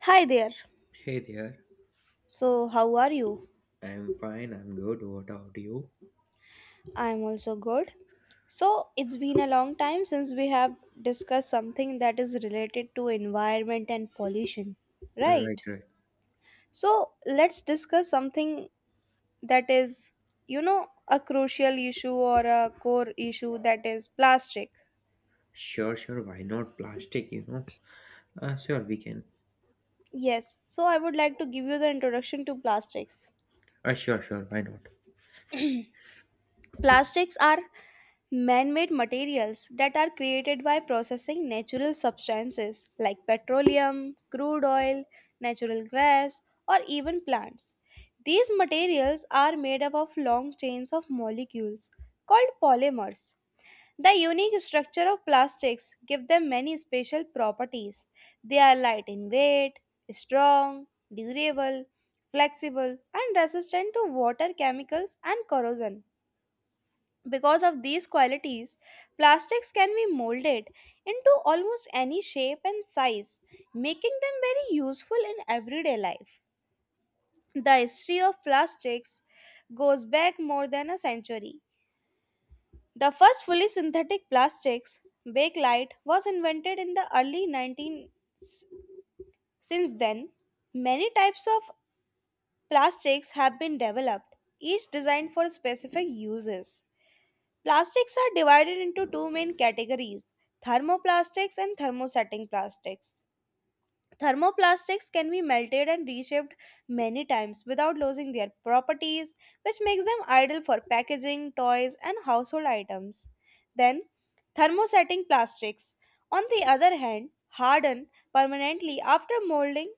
Hi there. Hey there. So, how are you? I'm fine. I'm good. What about you? I'm also good. So, it's been a long time since we have discussed something that is related to environment and pollution, Right, right? right. So, let's discuss something that is, a crucial issue or a core issue that is plastic. Sure, sure. Why not? Plastic, sure, we can. Yes. So, I would like to give you the introduction to plastics. Sure, sure. Why not? Plastics are man made materials that are created by processing natural substances like petroleum, crude oil, natural gas, or even plants. These materials are made up of long chains of molecules called polymers. The unique structure of plastics give them many special properties. They are light in weight, strong, durable, flexible, and resistant to water, chemicals, and corrosion. Because of these qualities, plastics can be molded into almost any shape and size, making them very useful in everyday life. The history of plastics goes back more than a century. The first fully synthetic plastics, bakelite, was invented in the early 19 since then. Many types of plastics have been developed, each designed for specific uses. Plastics are divided into two main categories thermoplastics and thermosetting plastics. Thermoplastics can be melted and reshaped many times without losing their properties, which makes them ideal for packaging, toys, and household items. Then, thermosetting plastics, on the other hand, harden permanently after molding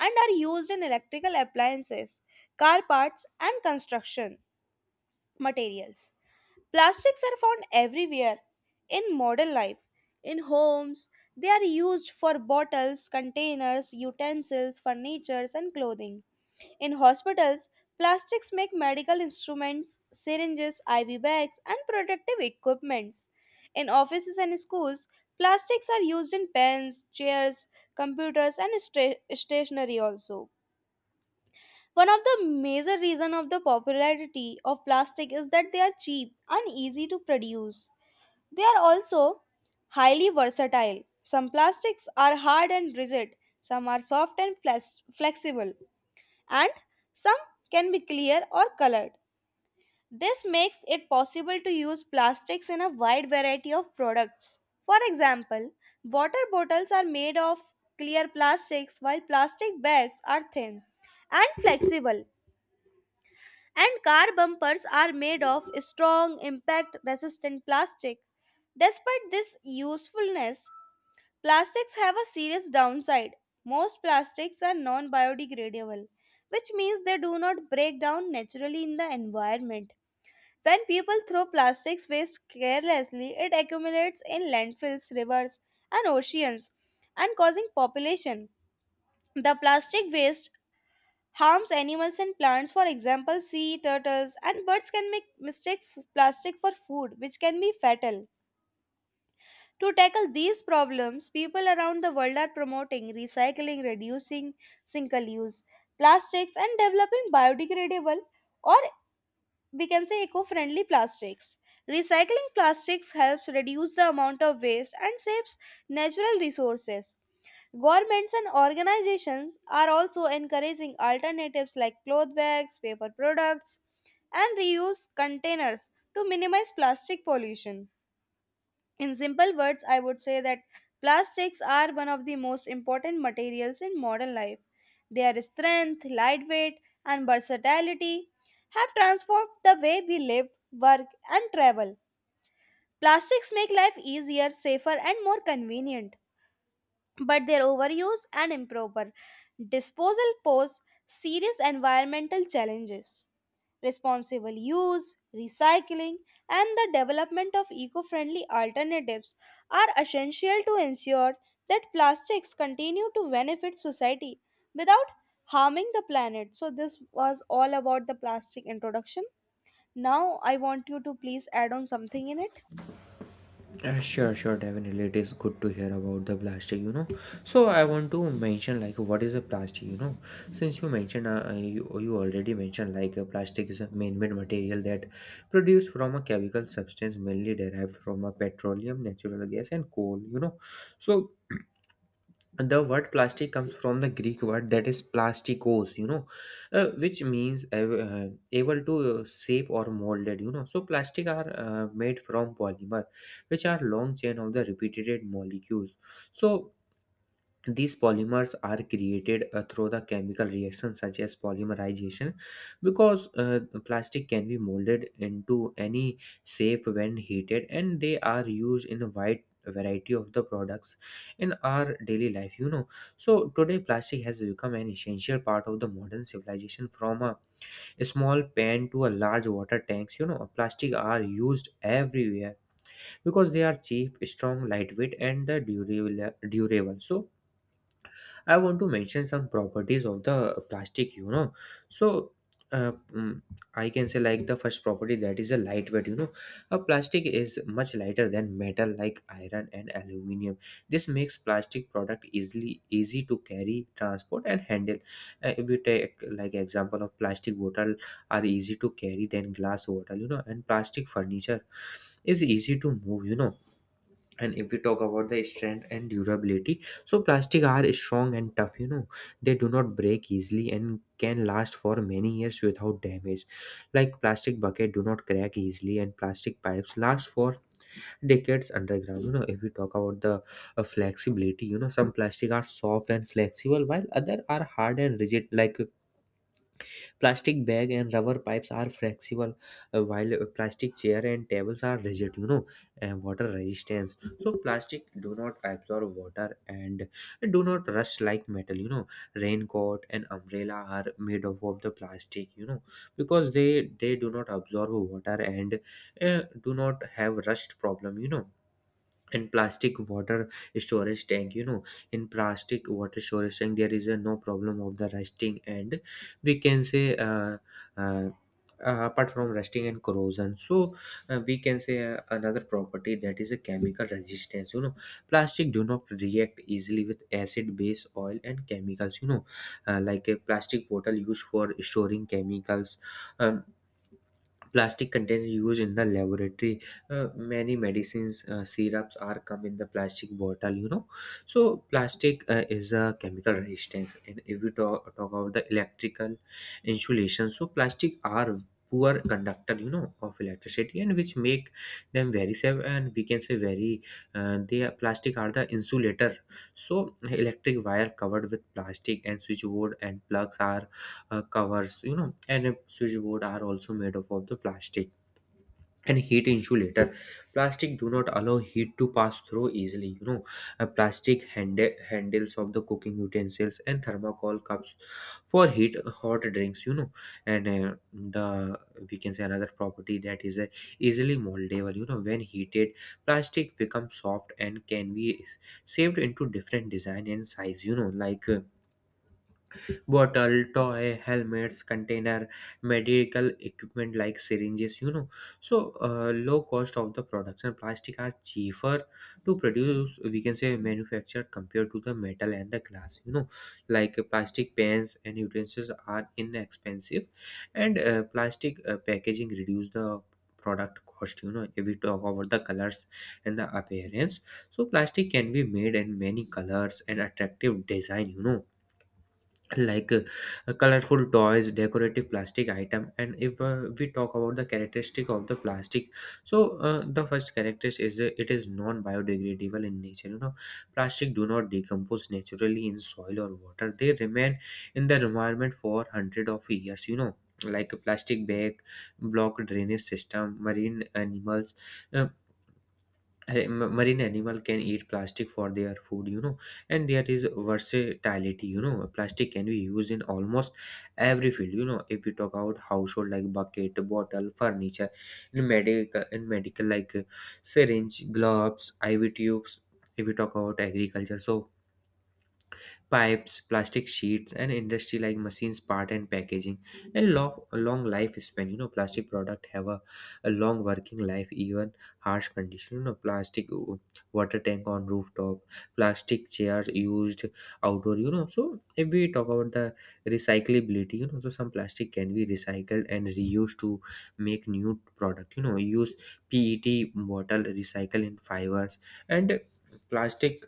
and are used in electrical appliances, car parts, and construction materials. Plastics are found everywhere in modern life. In homes, they are used for bottles, containers, utensils, furniture, and clothing. In hospitals, plastics make medical instruments, syringes, IV bags, and protective equipments. In offices and schools, plastics are used in pens, chairs, computers, and stationery also. One of the major reason of the popularity of plastic is that they are cheap and easy to produce. They are also highly versatile. Some plastics are hard and rigid, some are soft and flexible, and some can be clear or colored. This makes it possible to use plastics in a wide variety of products. For example, water bottles are made of clear plastics while plastic bags are thin and flexible and car bumpers are made of strong, impact resistant plastic. Despite this usefulness, plastics have a serious downside. Most plastics are non biodegradable, which means they do not break down naturally in the environment. When people throw plastics waste carelessly, it accumulates in landfills, rivers, and oceans and causing population. The plastic waste harms animals and plants for example sea turtles and birds can make mistake plastic for food which can be fatal. To tackle these problems people around the world are promoting recycling reducing single use plastics and developing biodegradable or we can say eco-friendly plastics. Recycling plastics helps reduce the amount of waste and saves natural resources. Governments and organizations are also encouraging alternatives like cloth bags, paper products, and reuse containers to minimize plastic pollution. In simple words, I would say that plastics are one of the most important materials in modern life. Their strength, lightweight, and versatility have transformed the way we live, work, and travel. Plastics make life easier, safer, and more convenient but their overuse and improper disposal pose serious environmental challenges. Responsible use, recycling, and the development of eco friendly alternatives are essential to ensure that plastics continue to benefit society without harming the planet. So, this was all about the plastic introduction. Now, I want you to please add on something in it. Sure, sure. Definitely, it is good to hear about the plastic, So I want to mention like what is a plastic, Since you mentioned, you already mentioned like plastic is a man-made material that produced from a chemical substance mainly derived from a petroleum, natural gas, and coal, So. The word plastic comes from the Greek word that is plasticos, which means able to shape or molded, so plastic are made from polymer which are long chain of the repeated molecules. So these polymers are created through the chemical reactions such as polymerization. Because plastic can be molded into any shape when heated and they are used in a wide variety of the products in our daily life, so today plastic has become an essential part of the modern civilization. From a small pan to a large water tanks, plastic are used everywhere because they are cheap, strong, lightweight, and durable. So I want to mention some properties of the plastic, you know. So, uh, mm, I can say like the first property that is a lightweight, you know. A plastic is much lighter than metal like iron and aluminium. This makes plastic product easily easy to carry, transport, and handle. If we take like example of plastic bottle are easy to carry than glass bottle, you know, and plastic furniture is easy to move, and if we talk about the strength and durability, so plastic are strong and tough, they do not break easily and can last for many years without damage, like plastic bucket do not crack easily and plastic pipes last for decades underground, if we talk about the flexibility, some plastic are soft and flexible while other are hard and rigid, like plastic bag and rubber pipes are flexible, while a plastic chair and tables are rigid, and water resistance. So plastic do not absorb water and do not rust like metal, raincoat and umbrella are made up of the plastic, because they do not absorb water and do not have rust problem, and plastic water storage tank, in plastic water storage tank there is a no problem of the rusting. And we can say uh, apart from rusting and corrosion, so we can say another property that is a chemical resistance, plastic do not react easily with acid, base, oil, and chemicals, like a plastic bottle used for storing chemicals, um, plastic container used in the laboratory, many medicines, syrups are come in the plastic bottle, so plastic is a chemical resistance. And if we talk about the electrical insulation, so plastic are poor conductor, of electricity, and which make them very safe, and we can say very plastic are the insulator. So electric wire covered with plastic, and switchboard and plugs are covers, and a switchboard are also made up of the plastic. And heat insulator, plastic do not allow heat to pass through easily, a plastic handles of the cooking utensils and thermocol cups for heat hot drinks, and the we can say another property that is easily moldable, when heated plastic becomes soft and can be saved into different design and size, like bottle, toy, helmets, container, medical equipment like syringes, so low cost of the products, and plastic are cheaper to produce, we can say manufacture, compared to the metal and the glass, like plastic pans and utensils are inexpensive, and plastic packaging reduce the product cost, if we talk about the colors and the appearance, so plastic can be made in many colors and attractive design, like colorful toys, decorative plastic item. And if we talk about the characteristic of the plastic, so the first characteristic is it is non biodegradable in nature, plastic do not decompose naturally in soil or water, they remain in the environment for hundred of years, like a plastic bag, block drainage system, marine animals, uh, Hey, marine animal can eat plastic for their food, and there is versatility, plastic can be used in almost every field, if we talk about household like bucket, bottle, furniture, in medical like syringe, gloves, IV tubes. If we talk about agriculture, so pipes, plastic sheets, and industry like machines, part and packaging, and long, long lifespan. You know, plastic product have a long working life, even harsh condition. You know, plastic water tank on rooftop, plastic chairs used outdoor. You know, so if we talk about the recyclability, you know, so some plastic can be recycled and reused to make new product. You know, use PET bottle, recycle in fibers, and plastic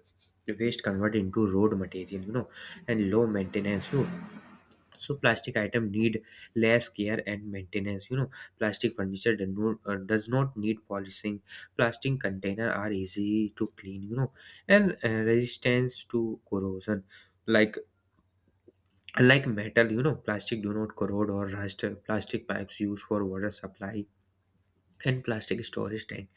waste convert into road material, and low maintenance, you know. So plastic item need less care and maintenance, plastic furniture does not need polishing, plastic container are easy to clean, and resistance to corrosion, like like metal, plastic do not corrode or rust. Plastic pipes used for water supply and plastic storage tank.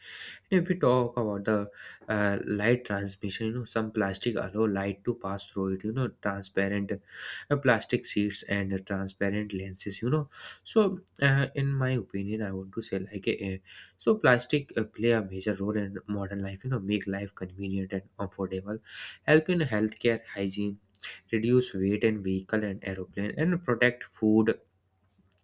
If we talk about the light transmission, you know, some plastic allow light to pass through it, you know, transparent plastic sheets and transparent lenses, you know. So, in my opinion, I want to say like, so plastic play a major role in modern life, you know, make life convenient and affordable, help in healthcare, hygiene, reduce weight in vehicle and aeroplane, and protect food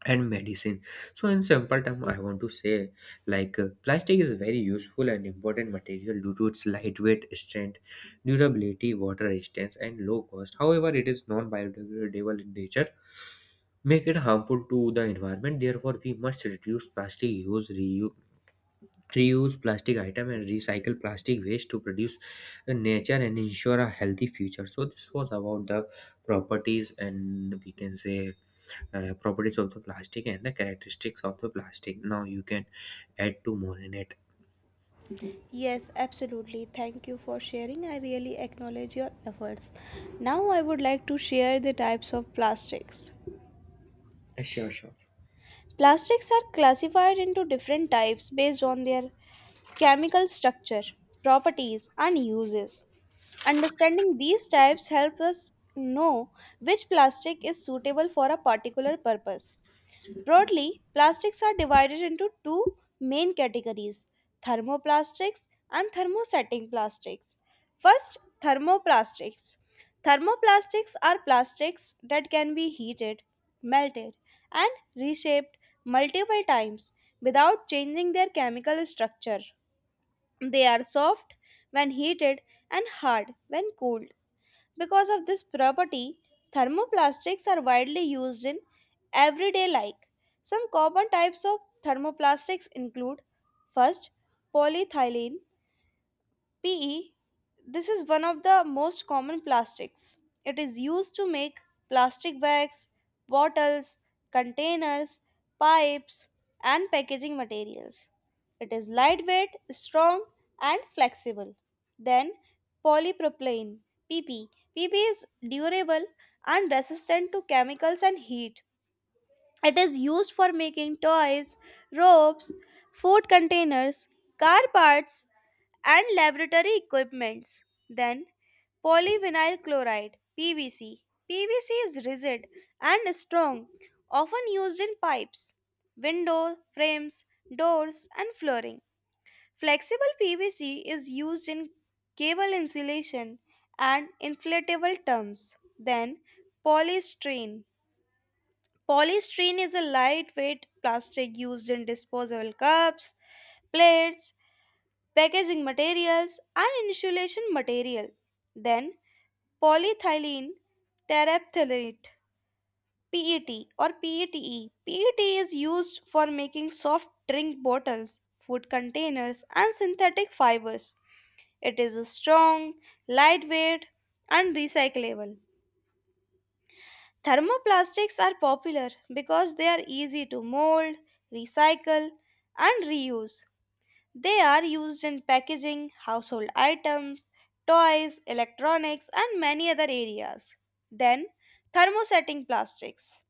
and medicine. So in simple term I want to say like plastic is a very useful and important material due to its lightweight, strength, durability, water resistance, and low cost. However, it is non-biodegradable in nature, make it harmful to the environment. Therefore we must reduce plastic use, reuse plastic item, and recycle plastic waste to produce the nature and ensure a healthy future. So this was about the properties, and we can say properties of the plastic and the characteristics of the plastic. Now you can add two more in it. Yes, absolutely. Thank you for sharing. I really acknowledge your efforts. Now, I would like to share the types of plastics. Sure, sure. Plastics are classified into different types based on their chemical structure, properties, and uses. Understanding these types helps us know which plastic is suitable for a particular purpose. Broadly, plastics are divided into two main categories thermoplastics and thermosetting plastics. First, thermoplastics. Thermoplastics are plastics that can be heated, melted, and reshaped multiple times without changing their chemical structure. They are soft when heated and hard when cooled. Because of this property, thermoplastics are widely used in everyday life. Some common types of thermoplastics include first polyethylene PE, this is one of the most common plastics. It is used to make plastic bags, bottles, containers, pipes, and packaging materials. It is lightweight, strong, and flexible. Then, polypropylene, PP. PP is durable and resistant to chemicals and heat. It is used for making toys, ropes, food containers, car parts, and laboratory equipments. Then, polyvinyl chloride PVC. PVC is rigid and strong, often used in pipes, window frames, doors, and flooring. Flexible PVC is used in cable insulation and inflatable terms. Then, polystyrene. Polystyrene is a lightweight plastic used in disposable cups, plates, packaging materials, and insulation material. Then, polyethylene terephthalate PET or PETE. PET is used for making soft drink bottles, food containers, and synthetic fibers. It is strong, lightweight, and recyclable. Thermoplastics are popular because they are easy to mold, recycle, and reuse. They are used in packaging, household items, toys, electronics, and many other areas. Then, thermosetting plastics.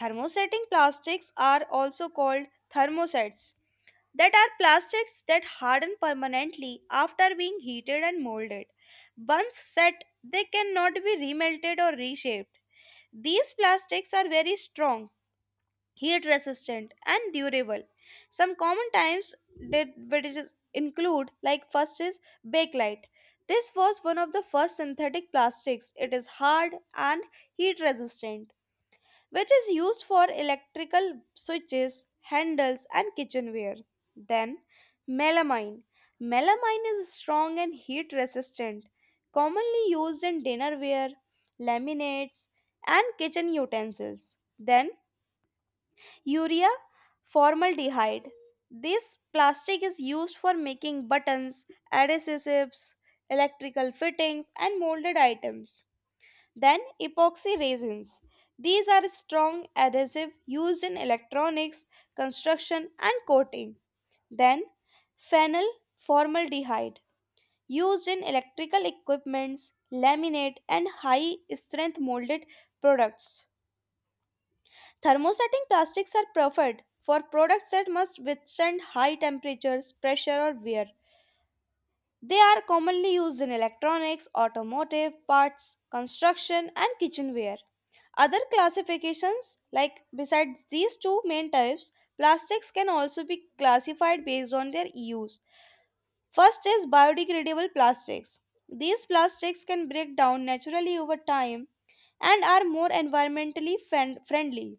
Thermosetting plastics are also called thermosets, that are plastics that harden permanently after being heated and molded. Once set, they cannot be remelted or reshaped. These plastics are very strong, heat resistant, and durable. Some common types that which is- include like first is bakelite. This was one of the first synthetic plastics. It is hard and heat resistant which is used for electrical switches, handles, and kitchenware. Then, melamine. Melamine is strong and heat resistant, commonly used in dinnerware, laminates, and kitchen utensils. Then, urea formaldehyde. This plastic is used for making buttons, adhesives, electrical fittings, and molded items. Then epoxy resins. These are strong adhesive used in electronics, construction and coating. Then phenyl formaldehyde used in electrical equipments, laminate and high strength molded products. Thermosetting plastics are preferred for products that must withstand high temperatures, pressure or wear. They are commonly used in electronics, automotive parts, construction, and kitchenware. Other classifications, like besides these two main types, plastics can also be classified based on their use. First is biodegradable plastics. These plastics can break down naturally over time and are more environmentally friendly.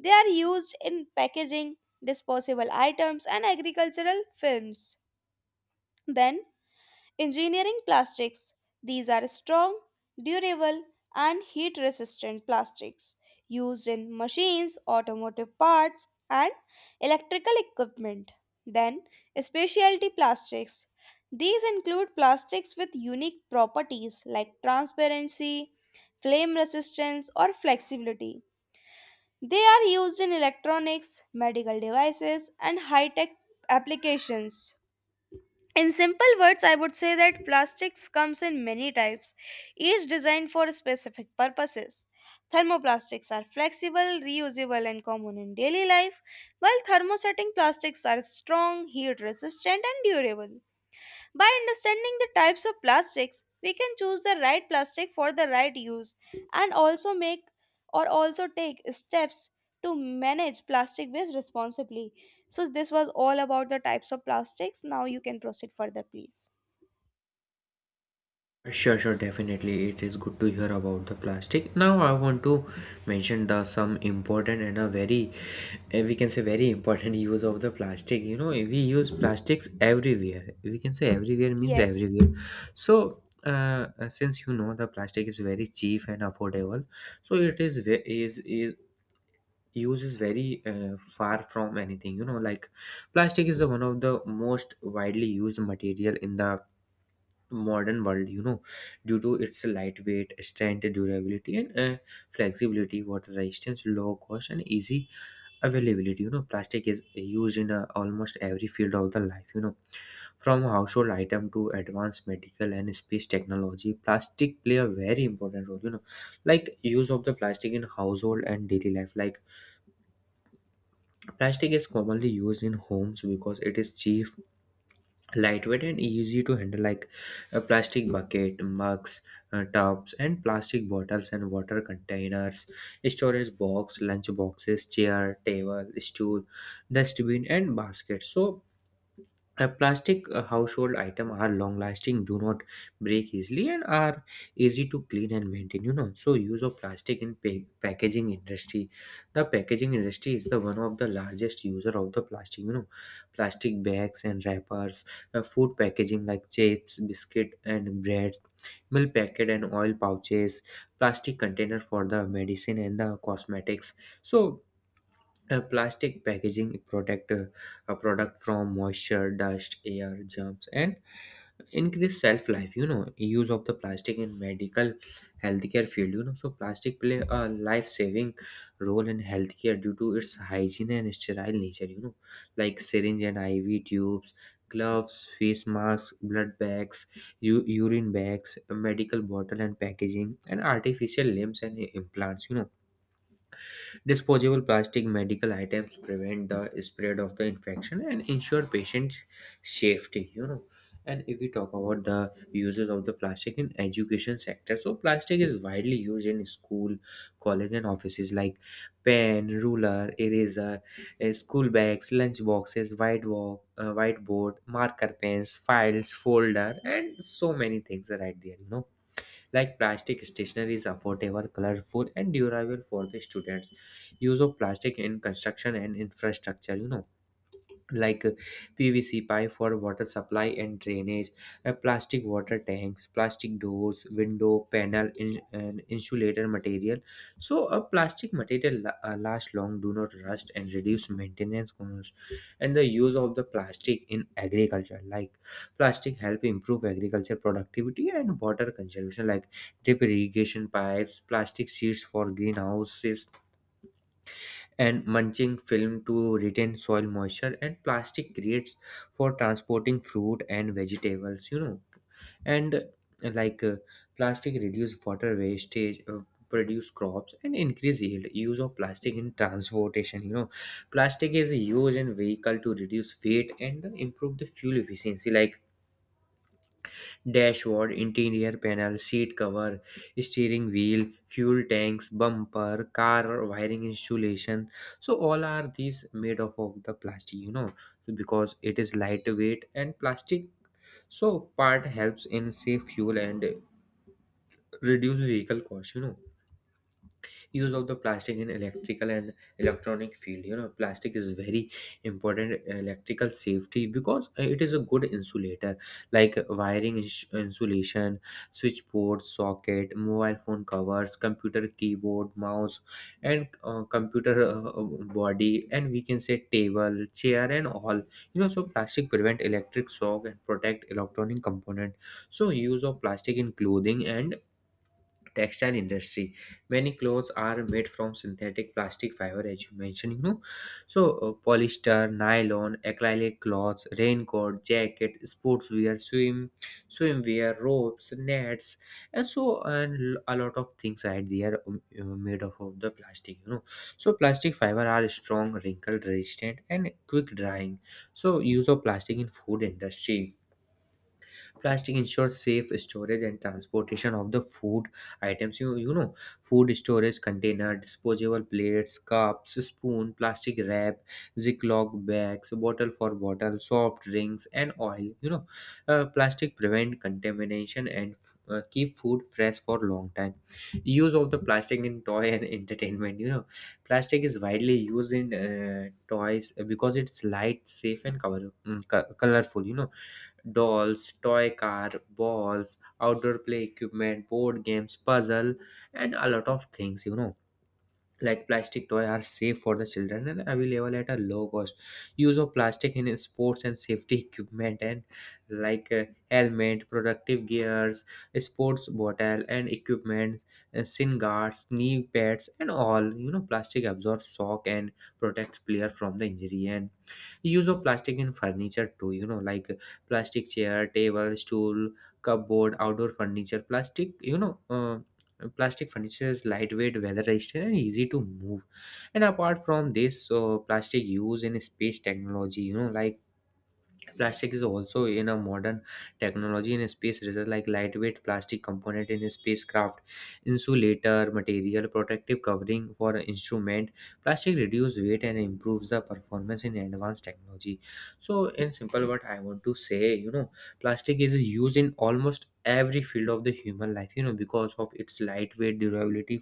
They are used in packaging, disposable items, and agricultural films. Then engineering plastics. These are strong, durable, and heat resistant plastics used in machines, automotive parts, and electrical equipment. Then, specialty plastics. These include plastics with unique properties like transparency, flame resistance, or flexibility. They are used in electronics, medical devices, and high tech applications. In simple words, I would say that plastics comes in many types, each designed for specific purposes. Thermoplastics are flexible, reusable, and common in daily life, while thermosetting plastics are strong, heat resistant, and durable. By understanding the types of plastics, we can choose the right plastic for the right use and also make or also take steps to manage plastic waste responsibly. So, this was all about the types of plastics. Now, you can proceed further, please. Sure, sure, definitely. It is good to hear about the plastic. Now I want to mention the some important and a very we can say very important use of the plastic. You know, we use plastics everywhere. We can say everywhere means Yes. everywhere. So since you know the plastic is very cheap and affordable, so it is ve- is use is very far from anything, you know. Like plastic is the one of the most widely used material in the modern world, you know, due to its lightweight, strength, durability, and flexibility, water resistance, low cost, and easy availability, you know. Plastic is used in almost every field of the life, you know, from household item to advanced medical and space technology. Plastic play a very important role, you know, like use of the plastic in household and daily life. Like plastic is commonly used in homes because it is cheap, lightweight, and easy to handle, like a plastic bucket, mugs, tubs, and plastic bottles and water containers, storage box, lunch boxes, chair, table, stool, dustbin, and baskets. So a plastic household item are long lasting, do not break easily, and are easy to clean and maintain. You know, so use of plastic in packaging industry. The packaging industry is the one of the largest user of the plastic. You know, plastic bags and wrappers, food packaging like chips, biscuit, and bread, milk packet and oil pouches, plastic container for the medicine and the cosmetics. So a plastic packaging protect a product from moisture, dust, air, germs, and increase shelf life. You know, use of the plastic in medical healthcare field. You know, so plastic play a life saving role in healthcare due to its hygiene and sterile nature. You know, like syringe and IV tubes, gloves, face masks, blood bags, urine bags, medical bottle and packaging, and artificial limbs and implants. You know, disposable plastic medical items prevent the spread of the infection and ensure patient safety, you know. And if we talk about the uses of the plastic in education sector, so plastic is widely used in school, college and offices like pen, ruler, eraser, school bags, lunch boxes, white walk, whiteboard, marker pens, files, folder and so many things are right there. Like plastic stationery is affordable, colorful, and durable for the students. Use of plastic in construction and infrastructure, you know, like PVC pipe for water supply and drainage, plastic water tanks, plastic doors, window panel, and insulator material. So a plastic material lasts long, do not rust, and reduce maintenance cost. And the use of the plastic in agriculture, like plastic, help improve agriculture productivity and water conservation, like drip irrigation pipes, plastic seeds for greenhouses and mulching film to retain soil moisture and plastic crates for transporting fruit and vegetables, you know, and like plastic reduce water wastage, produce crops and increase yield. Use of plastic in transportation, you know, plastic is used in vehicle to reduce weight and the improve the fuel efficiency like dashboard, interior panel, seat cover, steering wheel, fuel tanks, bumper, car wiring installation. So all are these made of the plastic, you know, so because it is lightweight and plastic. So part helps in save fuel and reduce vehicle cost, you know. Use of the plastic in electrical and electronic field, you know, plastic is very important in electrical safety because it is a good insulator like wiring insulation, switchboard socket, mobile phone covers, computer keyboard, mouse, and computer body, and we can say table, chair, and all, you know. So plastic prevent electric shock and protect electronic component. So use of plastic in clothing and textile industry, many clothes are made from synthetic plastic fiber as you mentioned, you know. So polyester, nylon, acrylic cloths, raincoat, jacket, sportswear, swimwear, ropes, nets, and so and a lot of things right there, made of the plastic, you know. So plastic fiber are strong, wrinkle resistant, and quick drying. So use of plastic in food industry, plastic ensures safe storage and transportation of the food items. You know, food storage container, disposable plates, cups, spoon, plastic wrap, Ziploc bags, bottle for bottle, soft drinks, and oil. You know, plastic prevent contamination and keep food fresh for long time. Use of the plastic in toy and entertainment. You know, plastic is widely used in toys because it's light, safe, and colorful. You know, dolls, toy car, balls, outdoor play equipment, board games, puzzle, and a lot of things, you know, like plastic toy are safe for the children and available at a low cost. Use of plastic in sports and safety equipment and like helmet, protective gears, sports bottle and equipment, shin guards, knee pads, and all, you know, plastic absorbs shock and protects player from the injury. And use of plastic in furniture too, you know, like plastic chair, table, stool, cupboard, outdoor furniture plastic, you know. Plastic furniture is lightweight, weather resistant, and easy to move. And apart from this, so plastic used in space technology, you know, like plastic is also in a modern technology in space research, like lightweight plastic component in a spacecraft, insulator material, protective covering for instrument. Plastic reduce weight and improves the performance in advanced technology. So in simple, what I want to say, you know, plastic is used in almost every field of the human life. You know, because of its lightweight, durability,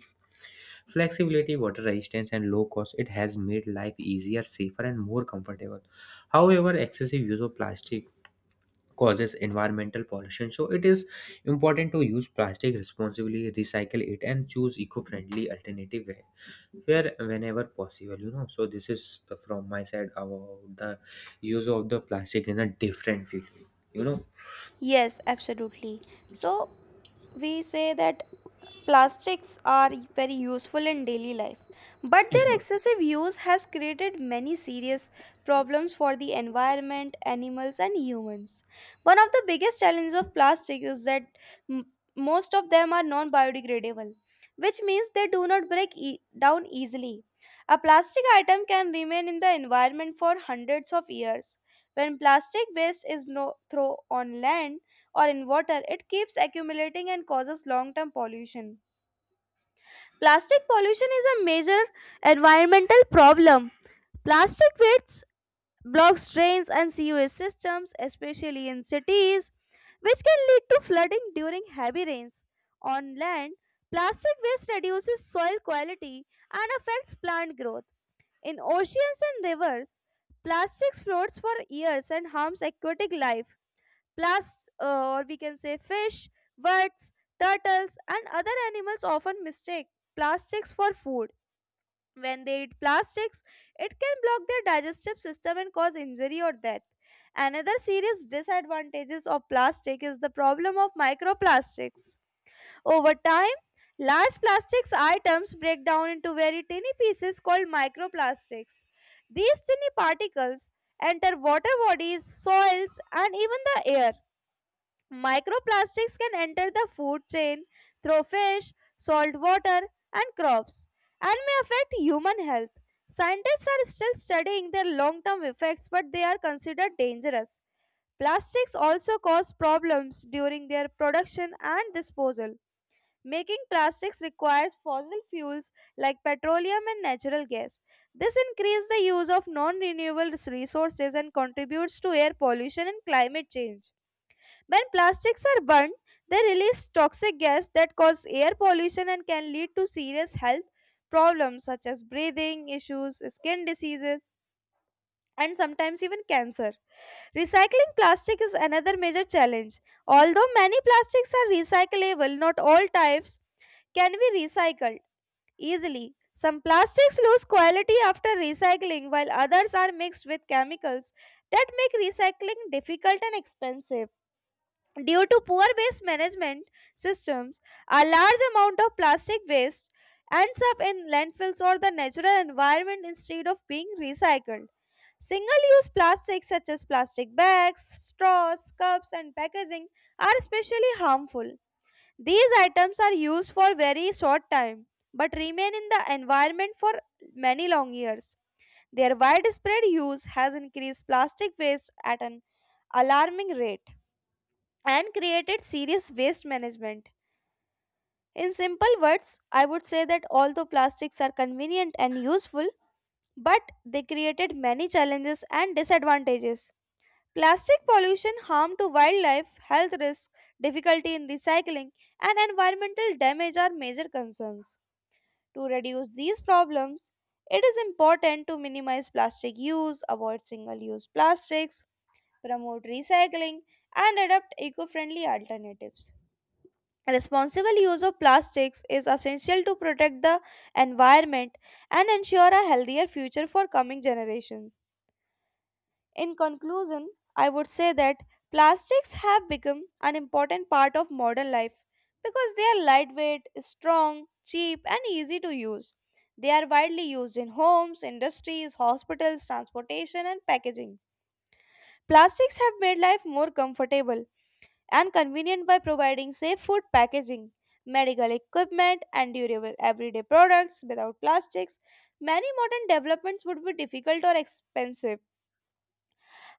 flexibility, water resistance, and low cost, it has made life easier, safer, and more comfortable. However, excessive use of plastic causes environmental pollution, so it is important to use plastic responsibly, recycle it, and choose eco-friendly alternative where whenever possible. You know, so this is from my side about the use of the plastic in a different field. You know. Yes, absolutely. So, we say that plastics are very useful in daily life, but their Yeah. excessive use has created many serious problems for the environment, animals, and humans. One of the biggest challenges of plastic is that m- most of them are non biodegradable, which means they do not break down easily. A plastic item can remain in the environment for hundreds of years when plastic waste is no thrown on land or in water, it keeps accumulating and causes long term pollution. Plastic pollution is a major environmental problem. Plastic waste blocks drains and sewage systems, especially in cities, which can lead to flooding during heavy rains. On land, plastic waste reduces soil quality and affects plant growth. In oceans and rivers, plastics floats for years and harms aquatic life. Or we can say fish, birds, turtles, and other animals often mistake plastics for food. When they eat plastics, it can block their digestive system and cause injury or death. Another serious disadvantages of plastic is the problem of microplastics. Over time, large plastics items break down into very tiny pieces called microplastics. These tiny particles enter water bodies, soils, and even the air. Microplastics can enter the food chain through fish, salt water, and crops, and may affect human health. Scientists are still studying their long term effects, but they are considered dangerous. Plastics also cause problems during their production and disposal. Making plastics requires fossil fuels like petroleum and natural gas. This increases the use of non renewable resources and contributes to air pollution and climate change. When plastics are burned, they release toxic gas that cause air pollution and can lead to serious health problems such as breathing issues, skin diseases, and sometimes even cancer. Recycling plastic is another major challenge. Although many plastics are recyclable, not all types can be recycled easily. Some plastics lose quality after recycling, while others are mixed with chemicals that make recycling difficult and expensive. Due to poor waste management systems, a large amount of plastic waste ends up in landfills or the natural environment instead of being recycled. Single use plastics such as plastic bags, straws, cups, and packaging are especially harmful. These items are used for very short time but remain in the environment for many long years. Their widespread use has increased plastic waste at an alarming rate and created serious waste management. In simple words, I would say that although plastics are convenient and useful, but they created many challenges and disadvantages. Plastic pollution, harm to wildlife, health risk, difficulty in recycling, and environmental damage are major concerns. To reduce these problems, it is important to minimize plastic use, avoid single use plastics, promote recycling, and adopt eco friendly alternatives. Responsible use of plastics is essential to protect the environment and ensure a healthier future for coming generations. In conclusion, I would say that plastics have become an important part of modern life because they are lightweight, strong, cheap, and easy to use. They are widely used in homes, industries, hospitals, transportation, and packaging. Plastics have made life more comfortable and convenient by providing safe food packaging, medical equipment, and durable everyday products. Without plastics, many modern developments would be difficult or expensive.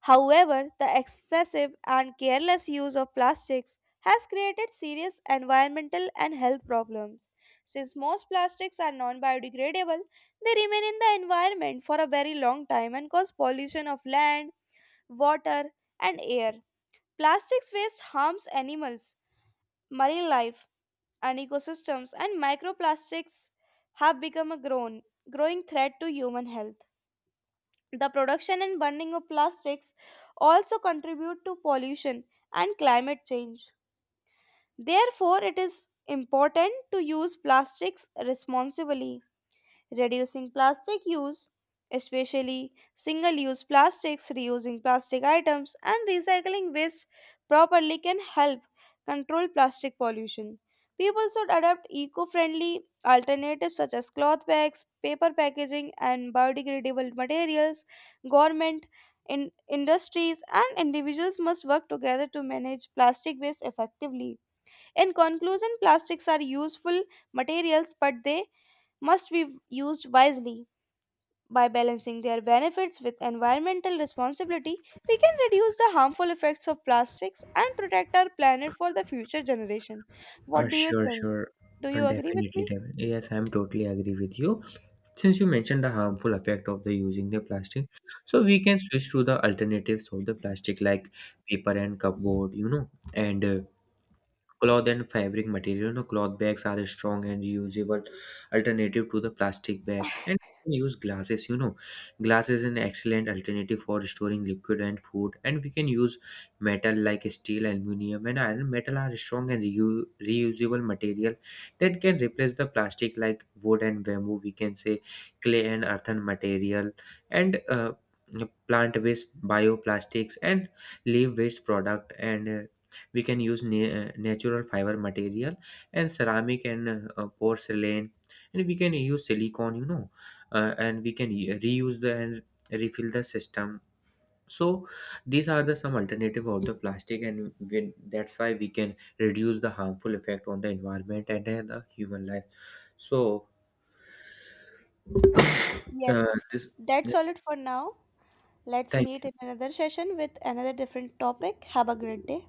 However, the excessive and careless use of plastics has created serious environmental and health problems. Since most plastics are non biodegradable, they remain in the environment for a very long time and cause pollution of land, water, and air. Plastics waste harms animals, marine life, and ecosystems, and microplastics have become a growing threat to human health. The production and burning of plastics also contribute to pollution and climate change. Therefore, it is important to use plastics responsibly reducing plastic use, especially single use plastics, reusing plastic items, and recycling waste properly can help control plastic pollution. People should adopt eco friendly alternatives such as cloth bags, paper packaging, and biodegradable materials. Government, in industries, and individuals must work together to manage plastic waste effectively. In conclusion, plastics are useful materials, but they must be used wisely. By balancing their benefits with environmental responsibility, we can reduce the harmful effects of plastics and protect our planet for the future generation. What do you Sure, think? sure. Do you agree with Definitely, me? definitely. Yes, I'm totally agree with you. Since you mentioned the harmful effect of the using the plastic, so we can switch to the alternatives of the plastic like paper and cardboard, you know, and cloth and fabric material, you know, cloth bags are a strong and reusable alternative to the plastic bags. And you can use glasses, you know, glass is an excellent alternative for storing liquid and food. And we can use metal like steel, aluminium, and iron. Metal are strong and reusable material that can replace the plastic like wood and bamboo. We can say clay and earthen material, and plant waste, bioplastics, and leaf waste product, and we can use natural fiber material and ceramic and porcelain, and we can use silicone, you know. And we can reuse the and refill the system. So these are the some alternative of the plastic, and when, that's why we can reduce the harmful effect on the environment and the human life. So Yes. this That's all it for now. Let's thank meet in another session with another different topic. Have a great day.